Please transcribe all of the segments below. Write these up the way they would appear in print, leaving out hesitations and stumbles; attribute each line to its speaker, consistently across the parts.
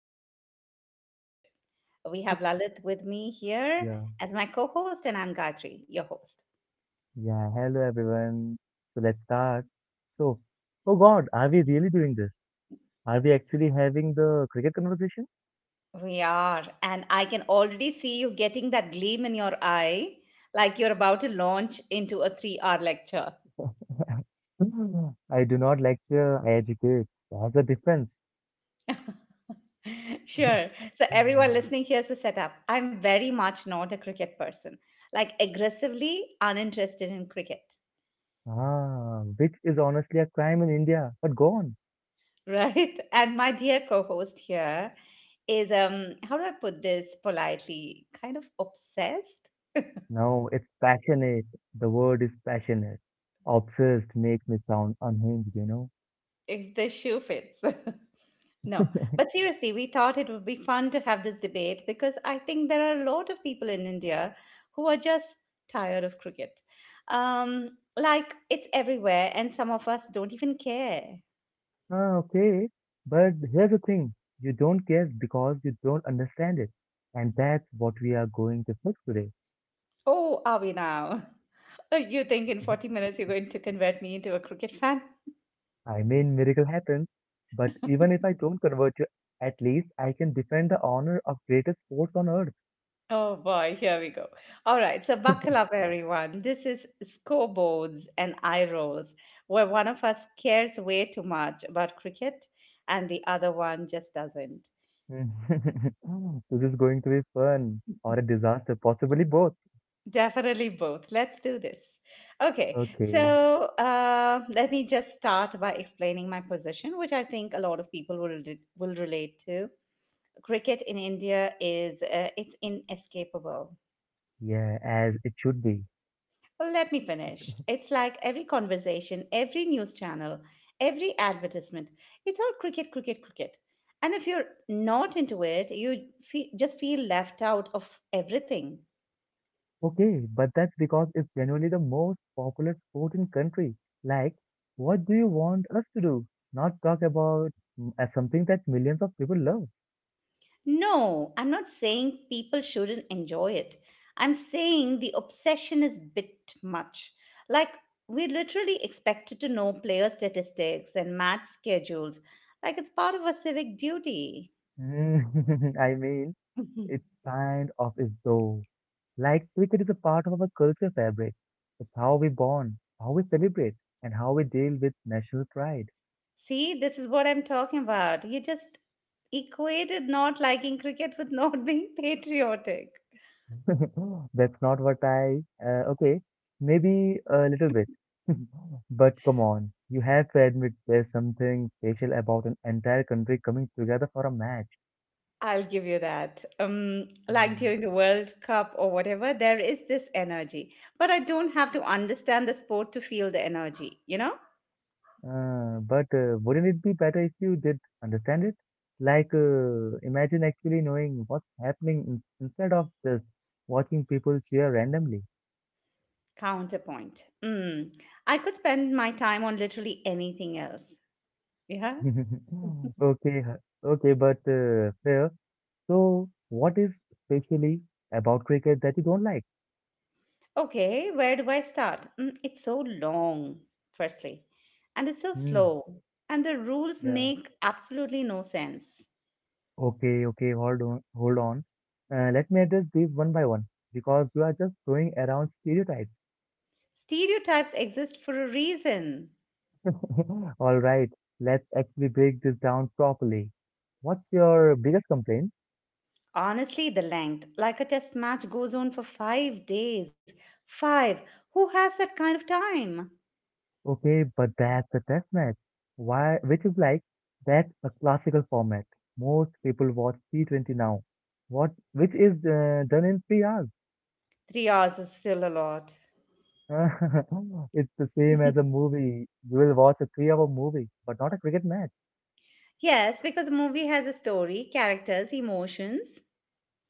Speaker 1: dangerous for our friendship. We have Lalit with me here
Speaker 2: Yeah,
Speaker 1: as my co host, and I'm Gayatri, your host.
Speaker 2: yeah. Hello, everyone. So let's start. So, oh God, are we really doing this? Are we actually having the cricket conversation?
Speaker 1: We are, and I can already see you getting that gleam in your eye like you're about to launch into a 3 hour lecture.
Speaker 2: I do not lecture, I educate. That's the difference.
Speaker 1: Sure. So everyone
Speaker 2: Mm.
Speaker 1: listening, here's the setup. I'm very much not a cricket person, like aggressively uninterested in cricket,
Speaker 2: Ah, which is honestly a crime in India, but gone.
Speaker 1: right? And my dear co-host here is how do I put this politely? Kind of obsessed
Speaker 2: No, it's passionate. The word is passionate. Obsessed makes me sound unhinged.
Speaker 1: if the shoe fits. No. But seriously, we thought it would be fun to have this debate because I think there are a lot of people in India who are just tired of cricket. Um like it's everywhere and some of us don't even care.
Speaker 2: Ah, okay. But here's the thing, you don't care because you don't understand it. And that's what we are going to fix today.
Speaker 1: Oh, are we now? You think in 40 minutes you're going to convert me into a cricket fan?
Speaker 2: I mean, miracle happens, but even if I don't convert you, at least I can defend the honor of greatest sports on earth.
Speaker 1: Oh boy, here we go. All right, so buckle up, everyone. This is scoreboards and eye rolls, where one of us cares way too much about cricket and the other one just doesn't.
Speaker 2: Mm. This is going to be fun or a disaster, possibly both.
Speaker 1: Definitely both. Let's do this. Okay,
Speaker 2: Okay,
Speaker 1: so let me just start by explaining my position, which I think a lot of people will relate to. Cricket in India is it's inescapable.
Speaker 2: yeah, as it should be.
Speaker 1: Well, let me finish. It's like every conversation, every news channel, every advertisement. It's all cricket, cricket, cricket. And if you're not into it, you just feel left out of everything.
Speaker 2: Okay, but that's because it's genuinely the most popular sport in country. Like, what do you want us to do? Not talk about something that millions of people love.
Speaker 1: No, I'm not saying people shouldn't enjoy it. I'm saying the obsession is bit much. Like we're literally expected to know player statistics and match schedules like it's part of a civic duty.
Speaker 2: I mean,
Speaker 1: Mhm.
Speaker 2: it's kind of is though. Like, cricket is a part of our culture fabric. It's how we bond, how we celebrate, and how we deal with national pride.
Speaker 1: See, this is what I'm talking about. You just equated not liking cricket with not being patriotic.
Speaker 2: That's not what I. Okay, maybe a little bit. But come on, you have to admit there's something special about an entire country coming together for a match.
Speaker 1: I'll give you that. Like
Speaker 2: Hmm.
Speaker 1: during the World Cup or whatever, there is this energy. But I don't have to understand the sport to feel the energy, you know?
Speaker 2: But Wouldn't it be better if you did understand it? Imagine actually knowing what's happening in instead of just watching people cheer randomly.
Speaker 1: Counterpoint. Mm. I could spend my time on literally anything else. Yeah.
Speaker 2: Okay, h- okay, but fair. So, what is specially about cricket that you don't like?
Speaker 1: Okay, where do I start? It's so long, firstly, and it's so
Speaker 2: Hmm.
Speaker 1: slow, and the rules
Speaker 2: Yeah.
Speaker 1: make absolutely no sense.
Speaker 2: Okay, okay, hold on, hold on. Let me address these one by one because you are just throwing around stereotypes.
Speaker 1: Stereotypes exist for a reason.
Speaker 2: All right, let's actually break this down properly. What's your biggest complaint?
Speaker 1: Honestly, the length, like a test match goes on for 5 days. Five. Who has that kind of time?
Speaker 2: Okay, but that's a test match. Why? Which is like that's a classical format. Most people watch T20 now. What? Which is done in 3 hours.
Speaker 1: 3 hours is still a lot.
Speaker 2: It's the same as a movie. You will watch a three-hour movie, but not a cricket match.
Speaker 1: Yes, because a movie has a story, characters, emotions.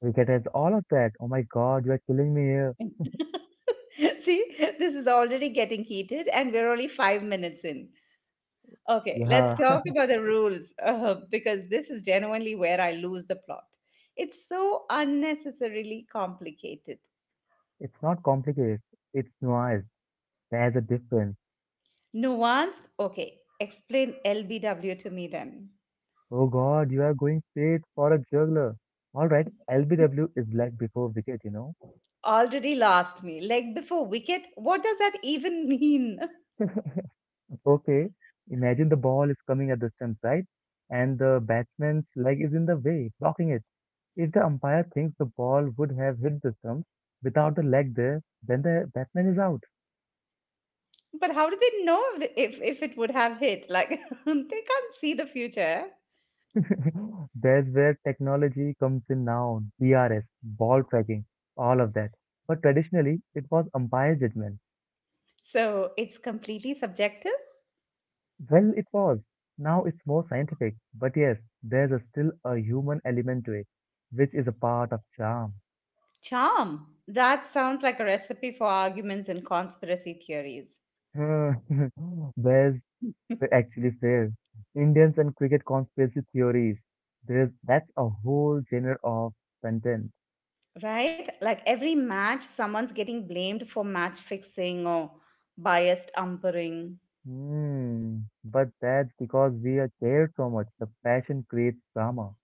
Speaker 2: Cricket has all of that. Oh my God, you are killing me here.
Speaker 1: See, this is already getting heated, and we're only 5 minutes in. Okay, let's
Speaker 2: Yeah,
Speaker 1: talk about the rules because this is genuinely where I lose the plot. It's so unnecessarily complicated.
Speaker 2: it's not complicated. It's nuanced. There's a difference.
Speaker 1: Nuanced? Okay, explain LBW to me then.
Speaker 2: Oh God, you are going straight for a juggler. All right, LBW is like before wicket.
Speaker 1: Already lost me. Leg before wicket? What does that even mean?
Speaker 2: Okay, imagine the ball is coming at the stump, right? And the batsman's leg is in the way, blocking it. If the umpire thinks the ball would have hit the stump without the leg there, then the batsman is out.
Speaker 1: But how do they know if it would have hit? Like, they can't see the future.
Speaker 2: That's where technology comes in now, DRS, ball tracking, all of that. But traditionally, it was umpire judgment.
Speaker 1: So it's completely subjective.
Speaker 2: Well, it was. Now it's more scientific. But yes, there's still a human element to it, which is a part of charm.
Speaker 1: Charm. That sounds like a recipe for arguments and conspiracy theories.
Speaker 2: Hmm, There's Actually fair. Indians and cricket conspiracy theories. There's That's a whole genre of content.
Speaker 1: Right? Like every match, someone's getting blamed for match fixing or biased umpiring
Speaker 2: Hmm. But that's because we are cared so much. The passion creates drama.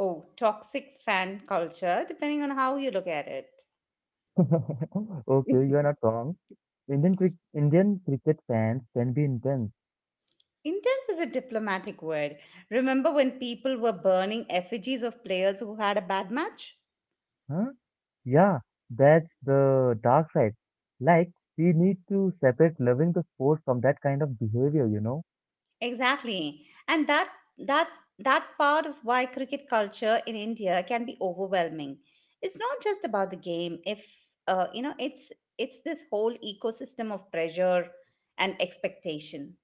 Speaker 1: or toxic fan culture, depending on how you look at it.
Speaker 2: Okay, you are not wrong. Indian cricket fans can be intense,
Speaker 1: Intense is a diplomatic word. Remember when people were burning effigies of players who had a bad match?
Speaker 2: huh? Yeah, that's the dark side. Like we need to separate loving the sport from that kind of behavior.
Speaker 1: Exactly. And that that's that part of why cricket culture in India can be overwhelming. It's not just about the game. If you know, it's this whole ecosystem of pressure and expectation.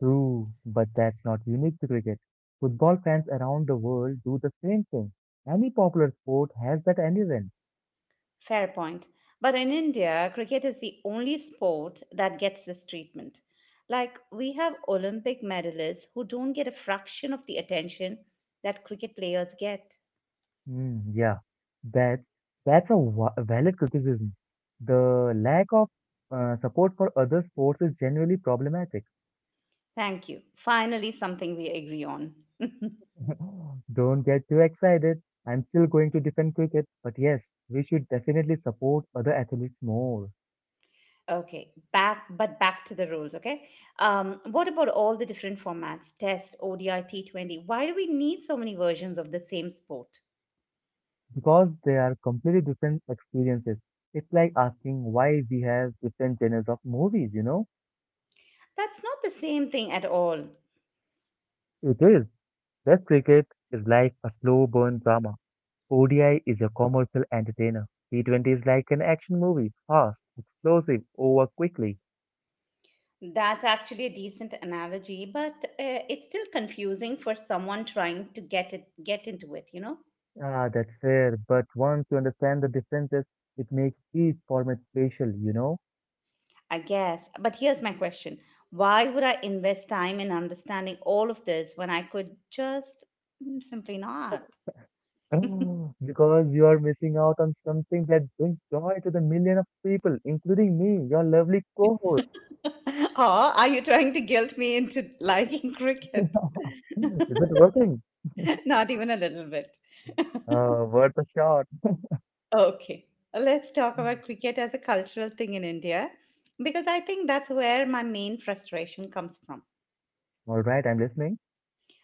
Speaker 2: True, but that's not unique to cricket. Football fans around the world do the same thing. Any popular sport has that element.
Speaker 1: Fair point. But in India, cricket is the only sport that gets this treatment. Like we have Olympic medalists who don't get a fraction of the attention that cricket players get.
Speaker 2: Yeah, that's that's a valid criticism. The lack of support for other sports is generally problematic.
Speaker 1: Thank you. Finally, something we agree on.
Speaker 2: Don't get too excited. I'm still going to defend cricket, but yes, we should definitely support other athletes more
Speaker 1: Okay, back to the rules. Okay, what about all the different formats? Test, ODI, T20. Why do we need so many versions of the same sport?
Speaker 2: because they are completely different experiences. It's like asking why we have different genres of movies.
Speaker 1: That's not the same thing at all.
Speaker 2: It is. Test cricket is like a slow burn drama. ODI is a commercial entertainer. T20 is like an action movie, fast, explosive, over quickly.
Speaker 1: That's actually a decent analogy, but it's still confusing for someone trying to get into it. You know,
Speaker 2: Ah, that's fair, but once you understand the differences, it makes each format special.
Speaker 1: I guess. But here's my question: why would I invest time in understanding all of this when I could just simply not?
Speaker 2: Oh, because you are missing out on something that brings joy to the million of people, including me, your lovely co-host.
Speaker 1: Or are you trying to guilt me into liking cricket?
Speaker 2: Is it working?
Speaker 1: Not even a little bit.
Speaker 2: Worth a shot.
Speaker 1: Okay, let's talk about cricket as a cultural thing in India because I think that's where my main frustration comes from.
Speaker 2: All right, I'm listening.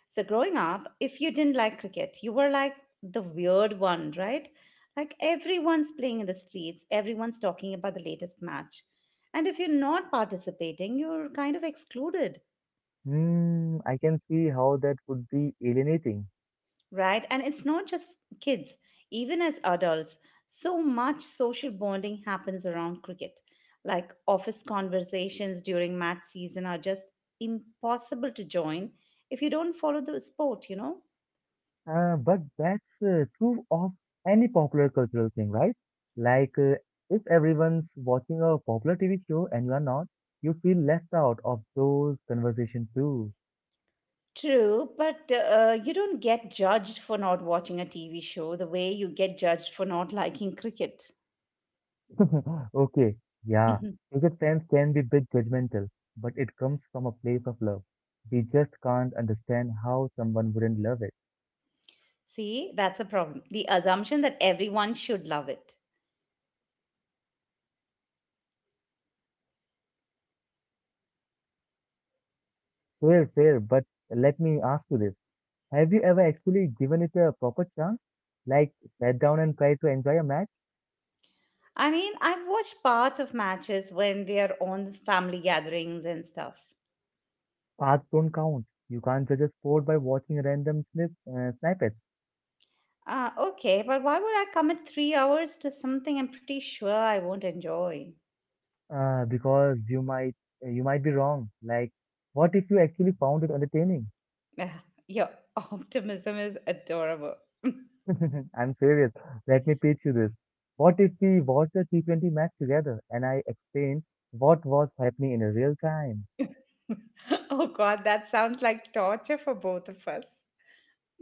Speaker 1: So, growing up, if you didn't like cricket, you were like the weird one, right? Like everyone's playing in the streets, everyone's talking about the latest match. And if you're not participating, you're kind of excluded.
Speaker 2: Hmm, I can see how that would be alienating.
Speaker 1: Right? And it's not just kids, even as adults, so much social bonding happens around cricket. Like office conversations during match season are just impossible to join if you don't follow the sport, you know?
Speaker 2: But that's True of any popular cultural thing, right? Like, uh, if everyone's watching a popular TV show and you are not, you feel left out of those conversations too.
Speaker 1: True, but you don't get judged for not watching a TV show the way you get judged for not liking cricket.
Speaker 2: Okay, yeah, cricket fans can be a bit judgmental, but it comes from a place of love. We just can't understand how someone wouldn't love it.
Speaker 1: See, that's a problem. The assumption that everyone should love it.
Speaker 2: Fair, but let me ask you this. Have you ever actually given it a proper chance? Like, sat down and tried to enjoy a match?
Speaker 1: I mean, I've watched parts of matches when they are on family gatherings and stuff.
Speaker 2: Paths don't count. You can't judge a sport by watching random snippets,
Speaker 1: Okay, but why would I commit 3 hours to something I'm pretty sure I won't enjoy?
Speaker 2: because you might be wrong. Like, what if you actually found it entertaining?
Speaker 1: Ugh, your optimism is adorable.
Speaker 2: I'm serious. Let me pitch you this. What if we watched a T20 match together and I explained what was happening in real time?
Speaker 1: Oh god, that sounds like torture for both of us.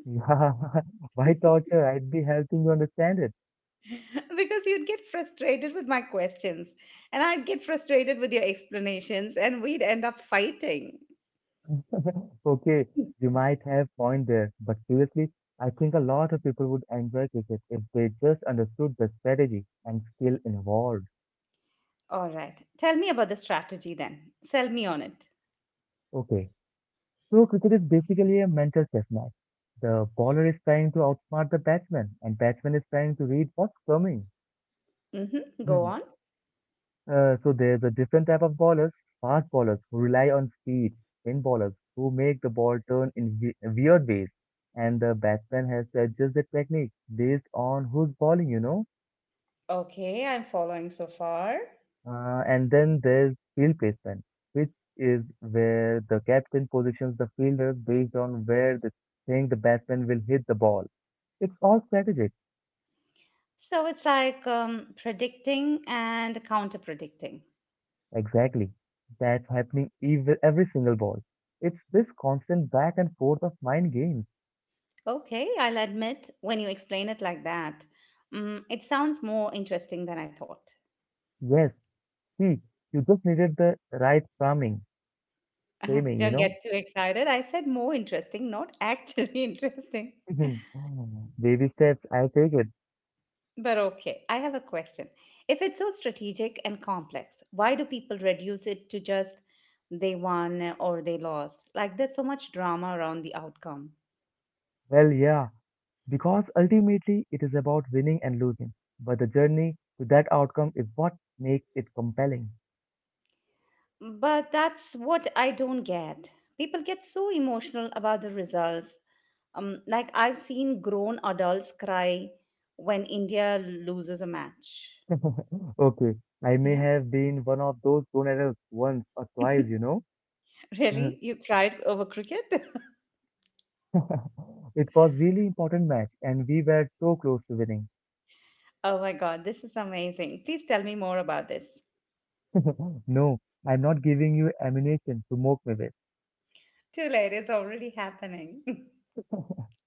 Speaker 2: Yeah, why torture? I'd be helping you understand it.
Speaker 1: Because you'd get frustrated with my questions, and I'd get frustrated with your explanations, and we'd end up fighting.
Speaker 2: Okay, you might have point there, but seriously, I think a lot of people would enjoy cricket if they just understood the strategy and skill involved.
Speaker 1: All right, tell me about the strategy then. Sell me on it.
Speaker 2: Okay, so cricket is basically a mental chess match. The bowler is trying to outsmart the batsman, and batsman is trying to read what's coming.
Speaker 1: Mm-hmm, go on.
Speaker 2: So there's a different type of bowlers. Fast bowlers who rely on speed, spin bowlers who make the ball turn in weird ways, and the batsman has to adjust the technique based on who's bowling.
Speaker 1: Okay, I'm following so far.
Speaker 2: And then there's field placement, which is where the captain positions the fielders based on where they think the batsman will hit the ball. It's all strategic,
Speaker 1: So it's like predicting and counter predicting.
Speaker 2: exactly. That's happening every single ball. It's this constant back and forth of mind games.
Speaker 1: Okay, I'll admit when you explain it like that, it sounds more interesting than I thought.
Speaker 2: Yes. See, you just needed the right framing, framing, you
Speaker 1: Don't
Speaker 2: know?
Speaker 1: get too excited. I said more interesting, not actually interesting.
Speaker 2: Mhm. Oh, Baby steps, I take it.
Speaker 1: But okay, I have a question. If it's so strategic and complex, why do people reduce it to just they won or they lost? Like there's so much drama around the outcome.
Speaker 2: Well, yeah, because ultimately it is about winning and losing. But the journey to that outcome is what makes it compelling.
Speaker 1: But that's what I don't get. People get so emotional about the results. Like I've seen grown adults cry when India loses a match.
Speaker 2: Okay, I may
Speaker 1: Yeah.
Speaker 2: have been one of those grown adults once or twice, you know?
Speaker 1: Really? You cried over cricket?
Speaker 2: It was really important match and we were so close to winning.
Speaker 1: Oh my God, this is amazing. Please tell me more about this.
Speaker 2: No, I'm not giving you ammunition to mock me with.
Speaker 1: Too late, it's already happening.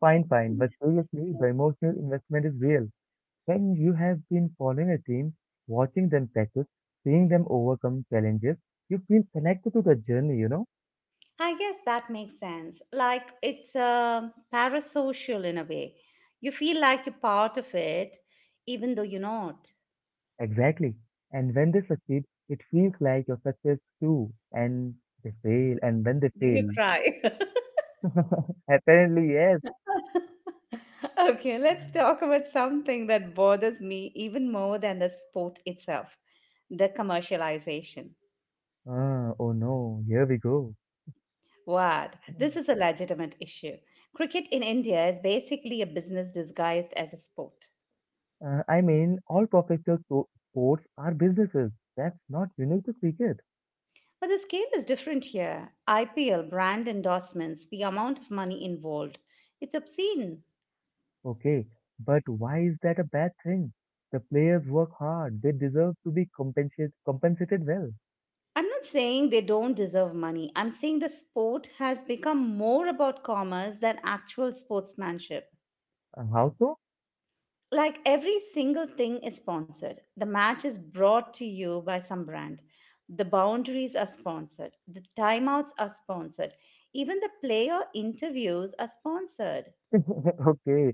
Speaker 2: Fine. But seriously, the emotional investment is real. When you have been following a team, watching them practice, seeing them overcome challenges, you feel connected to the journey.
Speaker 1: I guess that makes sense. Like it's parasocial in a way. You feel like you're part of it, even though you're not.
Speaker 2: Exactly. And when they succeed, it feels like your success too. And when they
Speaker 1: Do you
Speaker 2: fail,
Speaker 1: cry.
Speaker 2: apparently, yes.
Speaker 1: Okay, let's talk about something that bothers me even more than the sport itself, the commercialization.
Speaker 2: Ah, oh no, here we go.
Speaker 1: What? This is a legitimate issue. Cricket in India is basically a business disguised as a sport.
Speaker 2: I mean, all professional sports are businesses. That's not unique to cricket.
Speaker 1: But the scale is different here. IPL, brand endorsements, the amount of money involved. It's obscene.
Speaker 2: Okay, but why is that a bad thing? The players work hard. They deserve to be compensated well.
Speaker 1: I'm not saying they don't deserve money. I'm saying the sport has become more about commerce than actual sportsmanship.
Speaker 2: How so?
Speaker 1: Like every single thing is sponsored. The match is brought to you by some brand. The boundaries are sponsored. The timeouts are sponsored. Even the player interviews are sponsored.
Speaker 2: Okay,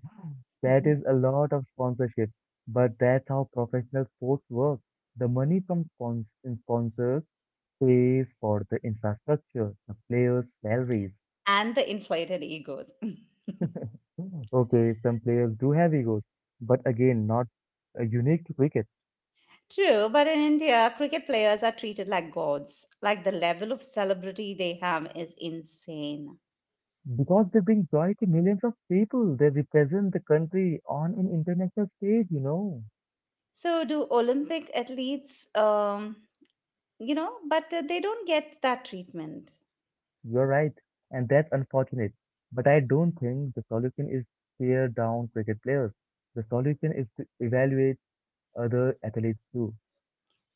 Speaker 2: that is
Speaker 1: Mhm.
Speaker 2: a lot of sponsorships, but that's how professional sports work. The money from sponsors pays for the infrastructure, the players' salaries.
Speaker 1: And the inflated egos.
Speaker 2: Okay, some players do have egos, but again, not unique to cricket.
Speaker 1: True, but in India, cricket players are treated like gods. Like the level of celebrity they have is insane.
Speaker 2: Because they bring joy to millions of people, they represent the country on an international stage, you know.
Speaker 1: So do Olympic athletes, you know, but they don't get that treatment.
Speaker 2: You're right, and that's unfortunate. But I don't think the solution is tear down cricket players. The solution is to evaluate other athletes too.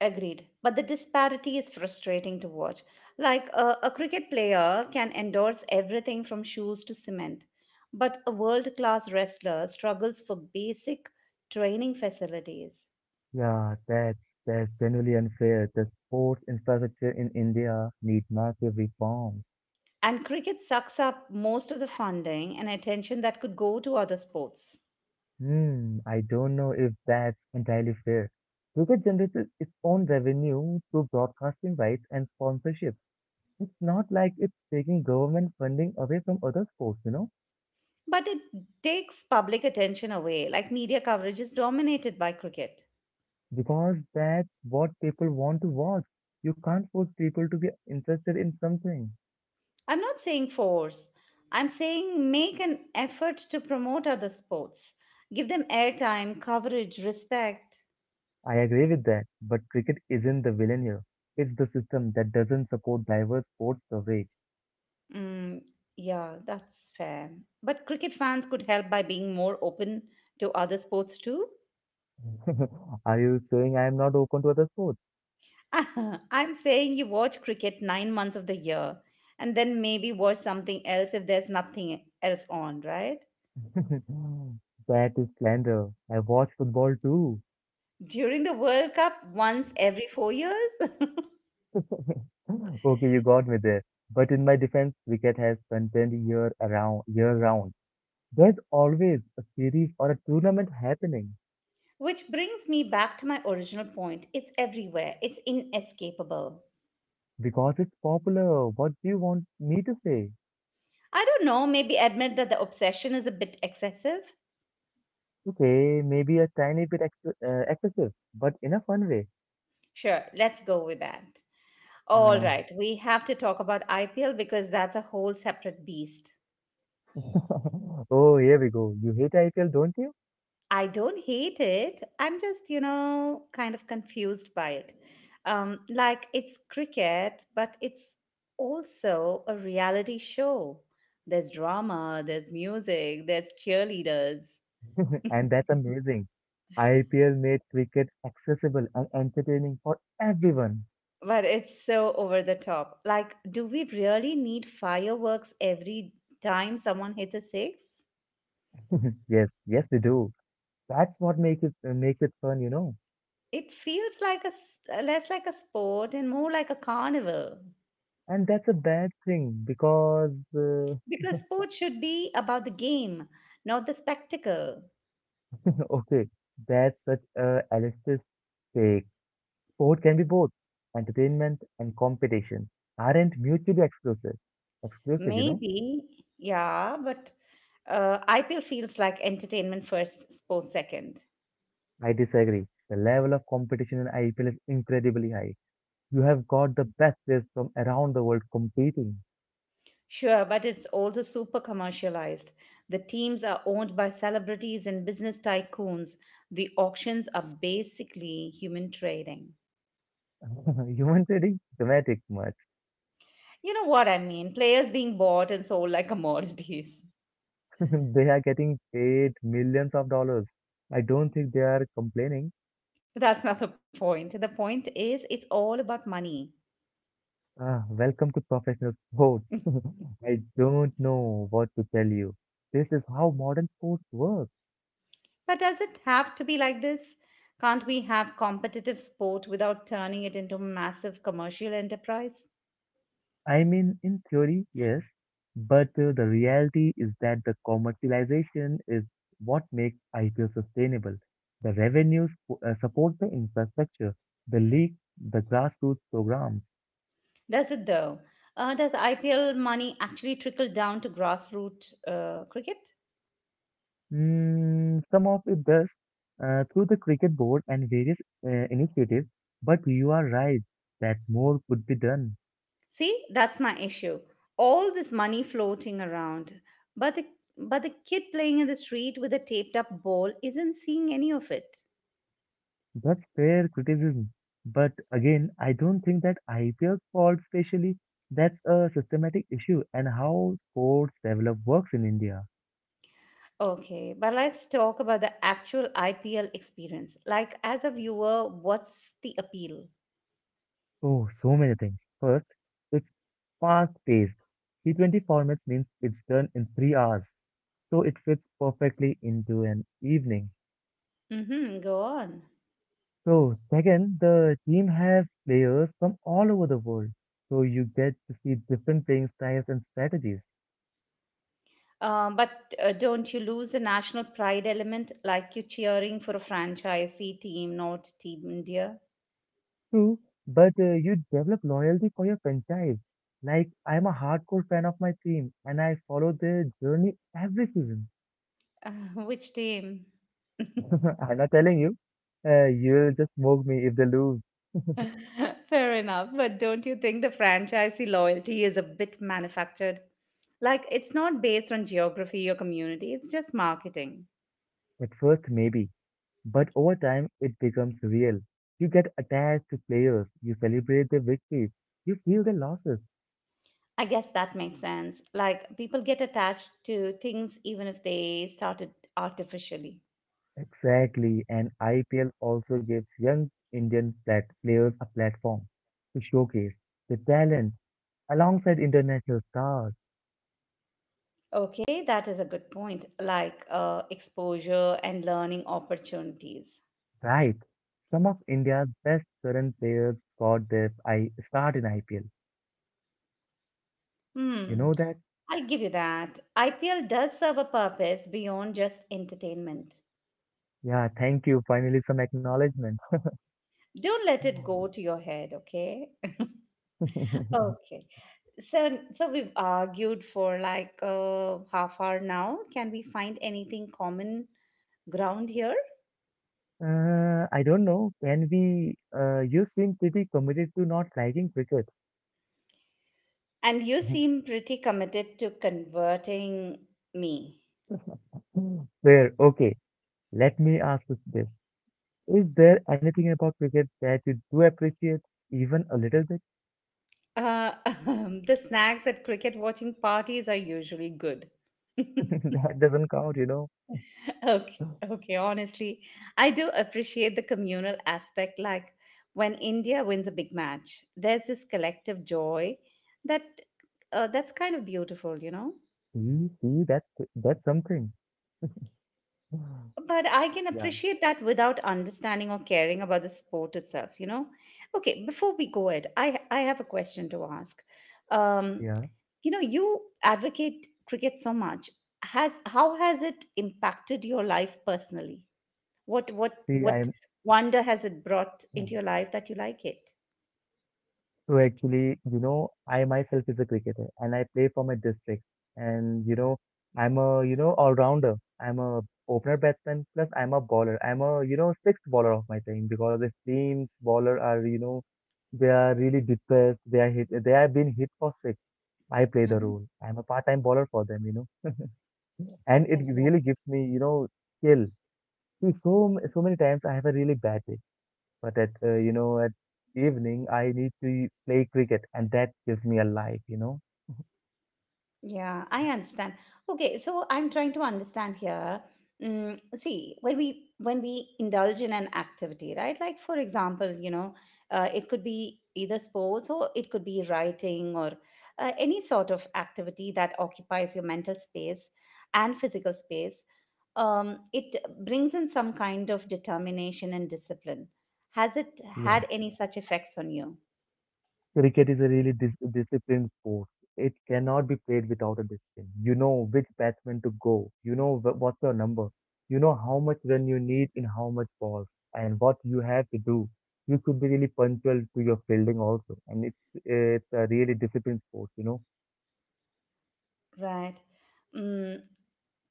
Speaker 1: Agreed. But the disparity is frustrating to watch. Like a cricket player can endorse everything from shoes to cement, but a world class wrestler struggles for basic training facilities.
Speaker 2: Yeah, that's genuinely unfair. The sports infrastructure in India need massive reforms.
Speaker 1: And cricket sucks up most of the funding and attention that could go to other sports.
Speaker 2: Hmm, I don't know if that's entirely fair. Cricket generates its own revenue through broadcasting rights and sponsorships. It's not like it's taking government funding away from other sports,
Speaker 1: But it takes public attention away, like media coverage is dominated by cricket.
Speaker 2: because that's what people want to watch. You can't force people to be interested in something.
Speaker 1: I'm not saying force, I'm saying make an effort to promote other sports. Give them airtime, coverage, respect.
Speaker 2: I agree with that, but cricket isn't the villain here. It's the system that doesn't support diverse sports coverage.
Speaker 1: Mm, yeah, that's fair. But cricket fans could help by being more open to other sports too.
Speaker 2: Are you saying I am not open to other sports?
Speaker 1: I'm saying you watch cricket 9 months of the year and then maybe watch something else if there's nothing else on, right?
Speaker 2: That is slander. I watch football too.
Speaker 1: During the World Cup, once every 4 years?
Speaker 2: Okay, you got me there. But in my defense, cricket has content year around, year round. There's always a series or a tournament happening
Speaker 1: Which brings me back to my original point, it's everywhere, it's inescapable.
Speaker 2: because it's popular. What do you want me to say?
Speaker 1: I don't know, maybe admit that the obsession is a bit excessive.
Speaker 2: Okay, maybe a tiny bit ex excessive, but in a fun way.
Speaker 1: Sure, let's go with that. All
Speaker 2: Uh,
Speaker 1: right, we have to talk about IPL because that's a whole separate beast.
Speaker 2: oh, here we go. You hate IPL, don't you?
Speaker 1: I don't hate it. I'm just, you know, kind of confused by it. Like it's cricket, but it's also a reality show. There's drama, there's music, there's cheerleaders.
Speaker 2: And that's amazing. IPL made cricket accessible and entertaining for everyone.
Speaker 1: But it's so over the top. Like, do we really need fireworks every time someone hits a six?
Speaker 2: Yes, we do. That's what makes it fun, you know.
Speaker 1: It feels like a less like a sport and more like a carnival.
Speaker 2: And that's a bad thing because
Speaker 1: Because sports should be about the game, not the spectacle.
Speaker 2: okay, that's such a elitist. Take sport can be both entertainment and competition aren't mutually exclusive. Exclusive, you know?
Speaker 1: Maybe, yeah, but IPL feels like entertainment first, sports second.
Speaker 2: I disagree. The level of competition in IPL is incredibly high. You have got the best players from around the world competing.
Speaker 1: Sure, but it's also super commercialized. The teams are owned by celebrities and business tycoons. The auctions are basically human trading.
Speaker 2: Human trading? Dramatic much.
Speaker 1: You know what I mean? Players being bought and sold like commodities.
Speaker 2: They are getting paid millions of dollars. I don't think they are complaining.
Speaker 1: That's not the point. The point is, it's all about money.
Speaker 2: Ah, welcome to professional sports. I don't know what to tell you. This is how modern sports work.
Speaker 1: But does it have to be like this? Can't we have competitive sport without turning it into massive commercial enterprise?
Speaker 2: I mean, in theory, yes, but the reality is that the commercialization is what makes IPO sustainable. The revenues support the infrastructure, the league, the grassroots programs.
Speaker 1: Does it though? Does IPL money actually trickle down to grassroots cricket?
Speaker 2: Some of it does through the cricket board and various initiatives, but you are right that more could be done.
Speaker 1: See, that's my issue. All this money floating around, but the but the kid playing in the street with a taped up ball isn't seeing any of it.
Speaker 2: That's fair criticism. But again, I don't think that IPL's fault, especially, that's a systematic issue and how sports develop works in India.
Speaker 1: Okay, but let's talk about the actual IPL experience. Like, as a viewer, what's the appeal?
Speaker 2: Oh, so many things. First, it's fast paced. T20 formats means it's done in 3 hours. So it fits perfectly into an evening.
Speaker 1: Mm-hmm, go on.
Speaker 2: So, second, the team have players from all over the world. So you get to see different playing styles and strategies.
Speaker 1: But don't you lose the national pride element like you cheering for a franchisee team, not Team India?
Speaker 2: True, but you develop loyalty for your franchise. Like, I'm a hardcore fan of my team and I follow their journey every season.
Speaker 1: Uh, which team?
Speaker 2: I'm not telling you, you'll just mock me if they lose.
Speaker 1: Fair enough, but don't you think the franchisee loyalty is a bit manufactured? Like, it's not based on geography or community, it's just marketing.
Speaker 2: At first, maybe, but over time, it becomes real. You get attached to players, you celebrate their victories, you feel their losses.
Speaker 1: I guess that makes sense. Like, people get attached to things even if they started artificially.
Speaker 2: Exactly, and IPL also gives young Indian players a platform to showcase their talent alongside international stars.
Speaker 1: Okay, that is a good point. Like exposure and learning opportunities.
Speaker 2: Right. Some of India's best current players got their I start in IPL. You
Speaker 1: Hmm,
Speaker 2: know that?
Speaker 1: I'll give you that. IPL does serve a purpose beyond just entertainment.
Speaker 2: Yeah, thank you. Finally, some acknowledgement.
Speaker 1: Don't let it go to your head, okay? Okay. So we've argued for like half hour now. Can we find anything common ground here?
Speaker 2: I don't know. Can we? You seem pretty committed to not liking cricket.
Speaker 1: And you seem pretty committed to converting me.
Speaker 2: Fair. Okay. Let me ask you this. Is there anything about cricket that you do appreciate, even a little bit?
Speaker 1: Uh, the snacks at cricket watching parties are usually good.
Speaker 2: That doesn't count.
Speaker 1: Okay, okay, honestly, I do appreciate the communal aspect. Like when India wins a big match, there's this collective joy that that's kind of beautiful, you know?
Speaker 2: See, see, that's something.
Speaker 1: But I can
Speaker 2: Yeah,
Speaker 1: appreciate that without understanding or caring about the sport itself, you know? Okay, before we go it, I have a question to ask. Um,
Speaker 2: yeah.
Speaker 1: You know, you advocate cricket so much. Has how has it impacted your life personally? What what
Speaker 2: See, I.
Speaker 1: what wonder has it brought
Speaker 2: Yeah.
Speaker 1: into your life that you like it?
Speaker 2: So actually, I myself is a cricketer and I play for my district. And I'm a all-rounder. I'm a opener batsman plus I'm a bowler. I'm a sixth bowler of my team because the team's bowler are they are really depressed. They are hit. They have been hit for six. I play the
Speaker 1: Mhm.
Speaker 2: role. I'm a part-time bowler for them. And it really
Speaker 1: Fantastic.
Speaker 2: gives me skill. See, so many times I have a really bad day. But at you know at evening I need to play cricket, and that gives me a life.
Speaker 1: Yeah, I understand. Okay, so I'm trying to understand here. Mm, see, when we indulge in an activity, right? Like for example, you know, it could be either sports or it could be writing or any sort of activity that occupies your mental space and physical space. It brings in some kind of determination and discipline. Has it
Speaker 2: Yeah.
Speaker 1: had any such effects on you?
Speaker 2: Cricket is a really disciplined sport. It cannot be played without a discipline. You know which batsman to go. You know what's your number. You know how much run you need in how much balls, and what you have to do. You could be really punctual to your fielding also, and it's a really disciplined sport.
Speaker 1: Right. Mm,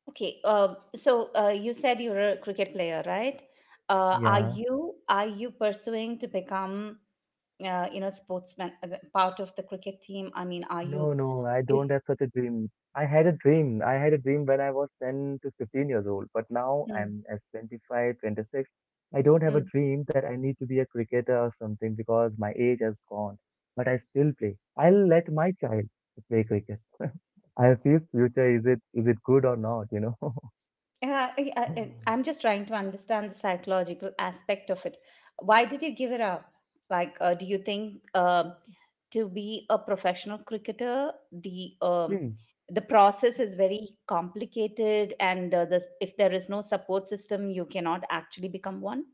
Speaker 1: okay. So you said you're a cricket player, right? Uh, are
Speaker 2: Yeah.
Speaker 1: you are you pursuing to become you know sportsman part of the cricket team? I mean, are you?
Speaker 2: No, no, I
Speaker 1: Is,
Speaker 2: don't have such a dream. I had a dream. I had a dream when I was 10 to 15 years old, but now I'm at 25, 26. I don't have a
Speaker 1: mm,
Speaker 2: dream that I need to be a cricketer or something because my age has gone, but I still play. I'll let my child play cricket. I'll see his future. Is it good or not, you know?
Speaker 1: I- am just trying to understand the psychological aspect of it. Why did you give it up? Like, do you think to be a professional cricketer, the um,
Speaker 2: See,
Speaker 1: the process is very complicated, and if there is no support system, you cannot actually become one?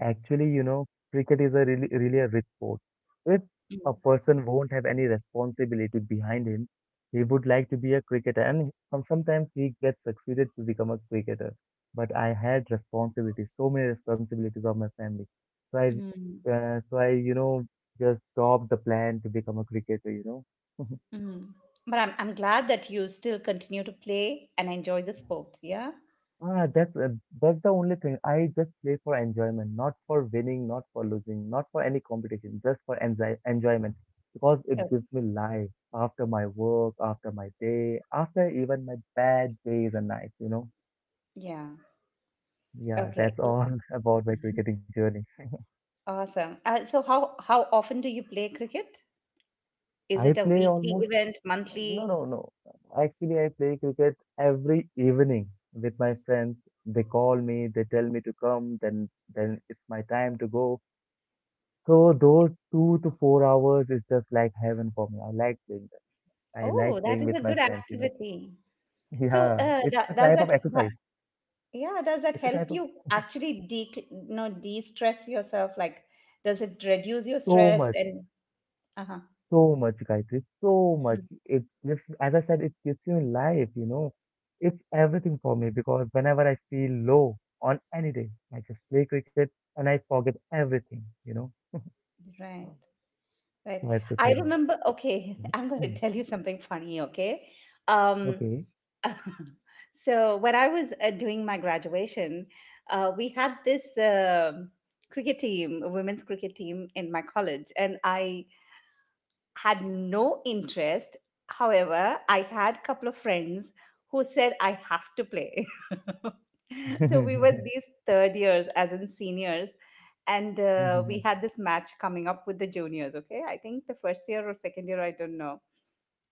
Speaker 2: actually, cricket is a really, really a rich sport. If
Speaker 1: Mm.
Speaker 2: a person won't have any responsibility behind him, he would like to be a cricketer, and sometimes he gets succeeded to become a cricketer. But I had responsibilities, so many responsibilities of my family. So
Speaker 1: Mm.
Speaker 2: I, uh, so I, you know, just dropped the plan to become a cricketer.
Speaker 1: Mm. But I'm glad that you still continue to play and enjoy the sport. Yeah.
Speaker 2: Ah, that's the only thing. I just play for enjoyment, not for winning, not for losing, not for any competition, just for enjoyment because it
Speaker 1: Oh,
Speaker 2: gives me life after my work, after my day, after even my bad days and nights.
Speaker 1: yeah.
Speaker 2: Yeah,
Speaker 1: Okay.
Speaker 2: that's all about my cricketing journey.
Speaker 1: Awesome. So how often do you play cricket? Is
Speaker 2: I
Speaker 1: it a
Speaker 2: play
Speaker 1: weekly
Speaker 2: almost
Speaker 1: event,
Speaker 2: no,
Speaker 1: monthly?
Speaker 2: no, no. Actually, I play cricket every evening with my friends. They call me, they tell me to come, then it's my time to go. So those 2 to 4 hours is just like heaven for me. I like doing that. I
Speaker 1: Oh,
Speaker 2: like
Speaker 1: that
Speaker 2: playing
Speaker 1: is
Speaker 2: with
Speaker 1: a
Speaker 2: my
Speaker 1: good
Speaker 2: friends.
Speaker 1: activity. So
Speaker 2: Yeah, it's a
Speaker 1: does
Speaker 2: type of
Speaker 1: that
Speaker 2: exercise.
Speaker 1: yeah, does that
Speaker 2: It's a
Speaker 1: help
Speaker 2: type of
Speaker 1: you actually de-stress yourself? Like, does it reduce your
Speaker 2: so
Speaker 1: stress
Speaker 2: much,
Speaker 1: and uh-huh.
Speaker 2: so much, Gayatri, so much.
Speaker 1: Mm.
Speaker 2: It gives, as I said, it gives you life. It's everything for me because whenever I feel low on any day, I just play cricket and I forget everything.
Speaker 1: Right. Right.
Speaker 2: That's the
Speaker 1: I
Speaker 2: thing.
Speaker 1: remember, okay, I'm going to
Speaker 2: Mhm.
Speaker 1: tell you something funny, okay? Um,
Speaker 2: Okay.
Speaker 1: so when I was doing my graduation, we had this cricket team, a women's cricket team in my college, and I had no interest. However, I had a couple of friends who said I have to play. So we were these third years as in seniors and
Speaker 2: Mhm.
Speaker 1: we had this match coming up with the juniors, okay? I think the first year or second year, I don't know.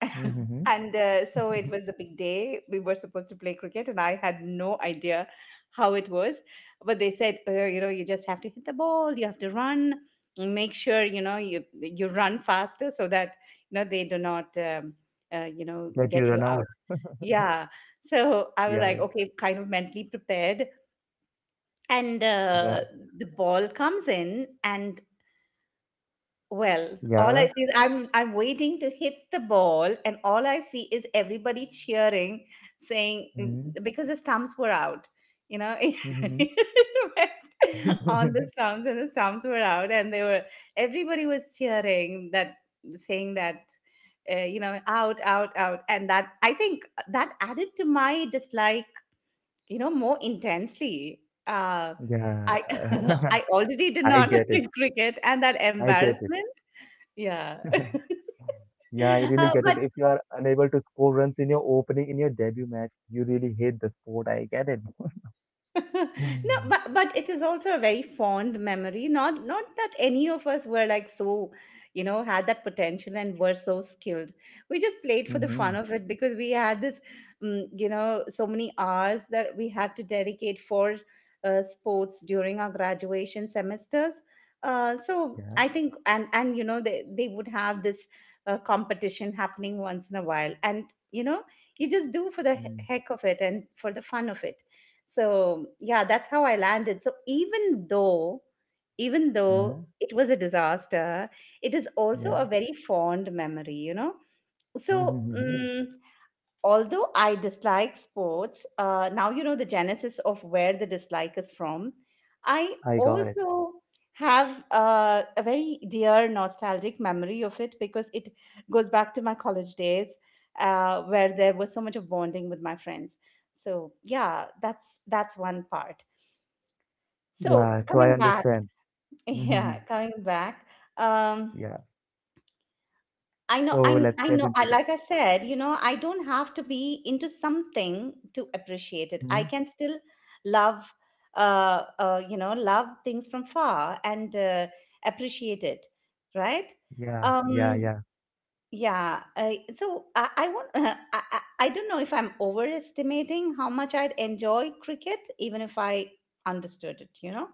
Speaker 2: Mhm.
Speaker 1: And so it was the big day. We were supposed to play cricket, and I had no idea how it was. But they said, you know, you just have to hit the ball, you have to run, make sure you know you run faster so that you know they do not
Speaker 2: That you
Speaker 1: get you
Speaker 2: run out.
Speaker 1: out. Yeah. So I was
Speaker 2: Yeah,
Speaker 1: like,
Speaker 2: yeah.
Speaker 1: okay, kind of mentally prepared, and
Speaker 2: Yeah.
Speaker 1: the ball comes in, and well, all I
Speaker 2: Yeah.
Speaker 1: see is I'm waiting to hit the ball, and all I see is everybody cheering, saying
Speaker 2: Mhm.
Speaker 1: "Mm," because the stumps were out, you know,
Speaker 2: Mhm.
Speaker 1: it went on the stumps, and the stumps were out, and they were everybody was cheering that saying that you know out out out, and that I think that added to my dislike, you know, more intensely. Uh,
Speaker 2: Yeah.
Speaker 1: I I already did
Speaker 2: I
Speaker 1: not
Speaker 2: get it.
Speaker 1: like cricket, and that
Speaker 2: I get it.
Speaker 1: embarrassment. Yeah.
Speaker 2: Yeah, I really get it.
Speaker 1: But
Speaker 2: If you are unable to score runs in your opening, in your debut match, you really hate the sport. I get it.
Speaker 1: no but it is also a very fond memory not that any of us were like so you know had that potential and were so skilled, we just played for the
Speaker 2: Mm-hmm.
Speaker 1: fun of it because we had this you know so many hours that we had to dedicate for sports during our graduation semesters, so
Speaker 2: Yeah.
Speaker 1: I think and you know they would have this competition happening once in a while and you know you just do for the
Speaker 2: Mm.
Speaker 1: heck of it and for the fun of it. So yeah, that's how I landed. So even though, even
Speaker 2: Uh,
Speaker 1: though it was a disaster, it is also a
Speaker 2: yeah.
Speaker 1: very fond memory, you know. So
Speaker 2: Mm-hmm.
Speaker 1: although I dislike sports, now you know the genesis of where the dislike is from. I
Speaker 2: I got it.
Speaker 1: also have a very dear nostalgic memory of it because it goes back to my college days where there was so much of bonding with my friends. So yeah, that's one part. So
Speaker 2: Yeah, so I
Speaker 1: coming back,
Speaker 2: understand. Mm-hmm.
Speaker 1: yeah, coming back. Um,
Speaker 2: Yeah.
Speaker 1: I know,
Speaker 2: So
Speaker 1: I
Speaker 2: let's
Speaker 1: I
Speaker 2: get
Speaker 1: know.
Speaker 2: into
Speaker 1: I
Speaker 2: the.
Speaker 1: like I said, you know, I don't have to be into something to appreciate it. I
Speaker 2: Mhm.
Speaker 1: can still love, you know, love things from far and appreciate it, right?
Speaker 2: Yeah, yeah,
Speaker 1: Um,
Speaker 2: yeah.
Speaker 1: yeah. So I want. I don't know if I'm overestimating how much I'd enjoy cricket, even if I understood it. You know.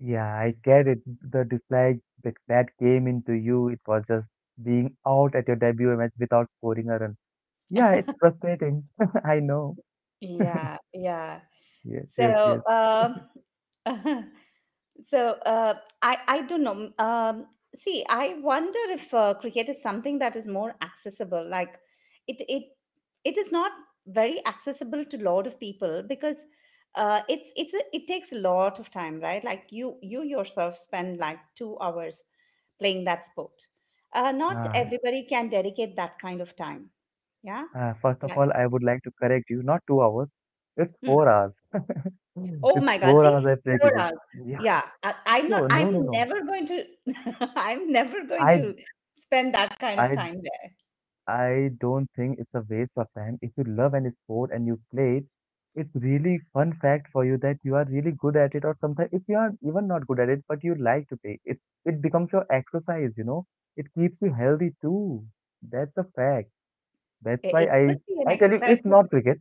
Speaker 2: Yeah, I get it. The dislike that came into you, it was just being out at your debut match without scoring a run. Yeah, it's frustrating. I know.
Speaker 1: Yeah, yeah.
Speaker 2: Yes, yes,
Speaker 1: So,
Speaker 2: yes.
Speaker 1: uh, so I don't know. See, I wonder if cricket is something that is more accessible. Like it it it is not very accessible to lot of people because it takes a lot of time, right? Like you yourself spend like 2 hours playing that sport. Not
Speaker 2: Ah,
Speaker 1: everybody can dedicate that kind of time. Yeah.
Speaker 2: ah, first of
Speaker 1: Like.
Speaker 2: all, I would like to correct you. Not 2 hours. It's
Speaker 1: Hmm.
Speaker 2: 4 hours.
Speaker 1: Oh
Speaker 2: It's
Speaker 1: my God.
Speaker 2: four
Speaker 1: See,
Speaker 2: hours I play
Speaker 1: four
Speaker 2: cricket.
Speaker 1: hours.
Speaker 2: Yeah.
Speaker 1: Yeah. I, I'm not,
Speaker 2: So
Speaker 1: I'm
Speaker 2: no, no, no.
Speaker 1: never going to, I'm never going
Speaker 2: I
Speaker 1: to spend that kind of
Speaker 2: I
Speaker 1: time there.
Speaker 2: I don't think it's a waste of time. If you love any sport and you play it, it's really fun fact for you that you are really good at it, or sometimes if you are even not good at it, but you like to play, it becomes your exercise. It keeps you healthy too. That's a fact. That's
Speaker 1: It,
Speaker 2: why
Speaker 1: it
Speaker 2: I
Speaker 1: could be an
Speaker 2: I tell you,
Speaker 1: exercise,
Speaker 2: if
Speaker 1: but
Speaker 2: not cricket,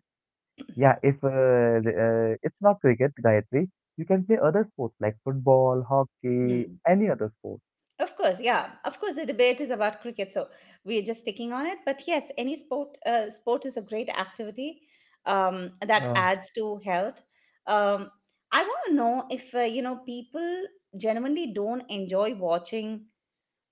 Speaker 2: yeah, if the, it's not cricket, Gayatri, you can play other sports like football, hockey,
Speaker 1: hmm.
Speaker 2: any other sport.
Speaker 1: Of course, yeah. Of course, the debate is about cricket, so we're just sticking on it. But yes, any sport, sport is a great activity that
Speaker 2: Uh,
Speaker 1: adds to health. Um, I want to know if you know people genuinely don't enjoy watching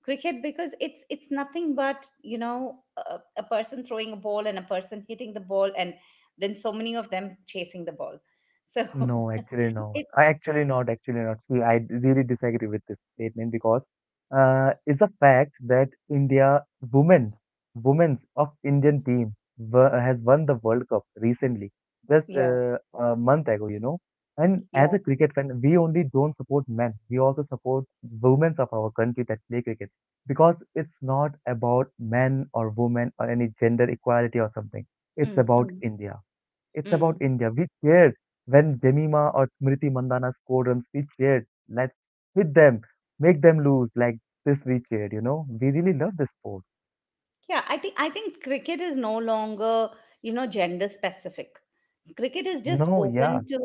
Speaker 1: cricket because it's nothing but you know a person throwing a ball and a person hitting the ball and then so many of them chasing the ball. So
Speaker 2: No, actually not.
Speaker 1: it,
Speaker 2: I actually not, actually not. See, I really disagree with this statement because it's a fact that India women's women's of Indian team has won the World Cup recently, just
Speaker 1: yeah,
Speaker 2: a month ago. And as
Speaker 1: yeah.
Speaker 2: a cricket fan, we only don't support men. We also support women of our country that play cricket because it's not about men or women or any gender equality or something. It's
Speaker 1: Mm,
Speaker 2: about
Speaker 1: mm,
Speaker 2: India. It's about
Speaker 1: mm.
Speaker 2: India. We cheered when Jemima or Smriti Mandana scored runs. We cheered. Let's hit them, make them lose. Like this, we cheered. We really love the sports.
Speaker 1: Yeah, I think cricket is no longer, you know, gender specific. Cricket is just
Speaker 2: No, yeah,
Speaker 1: open to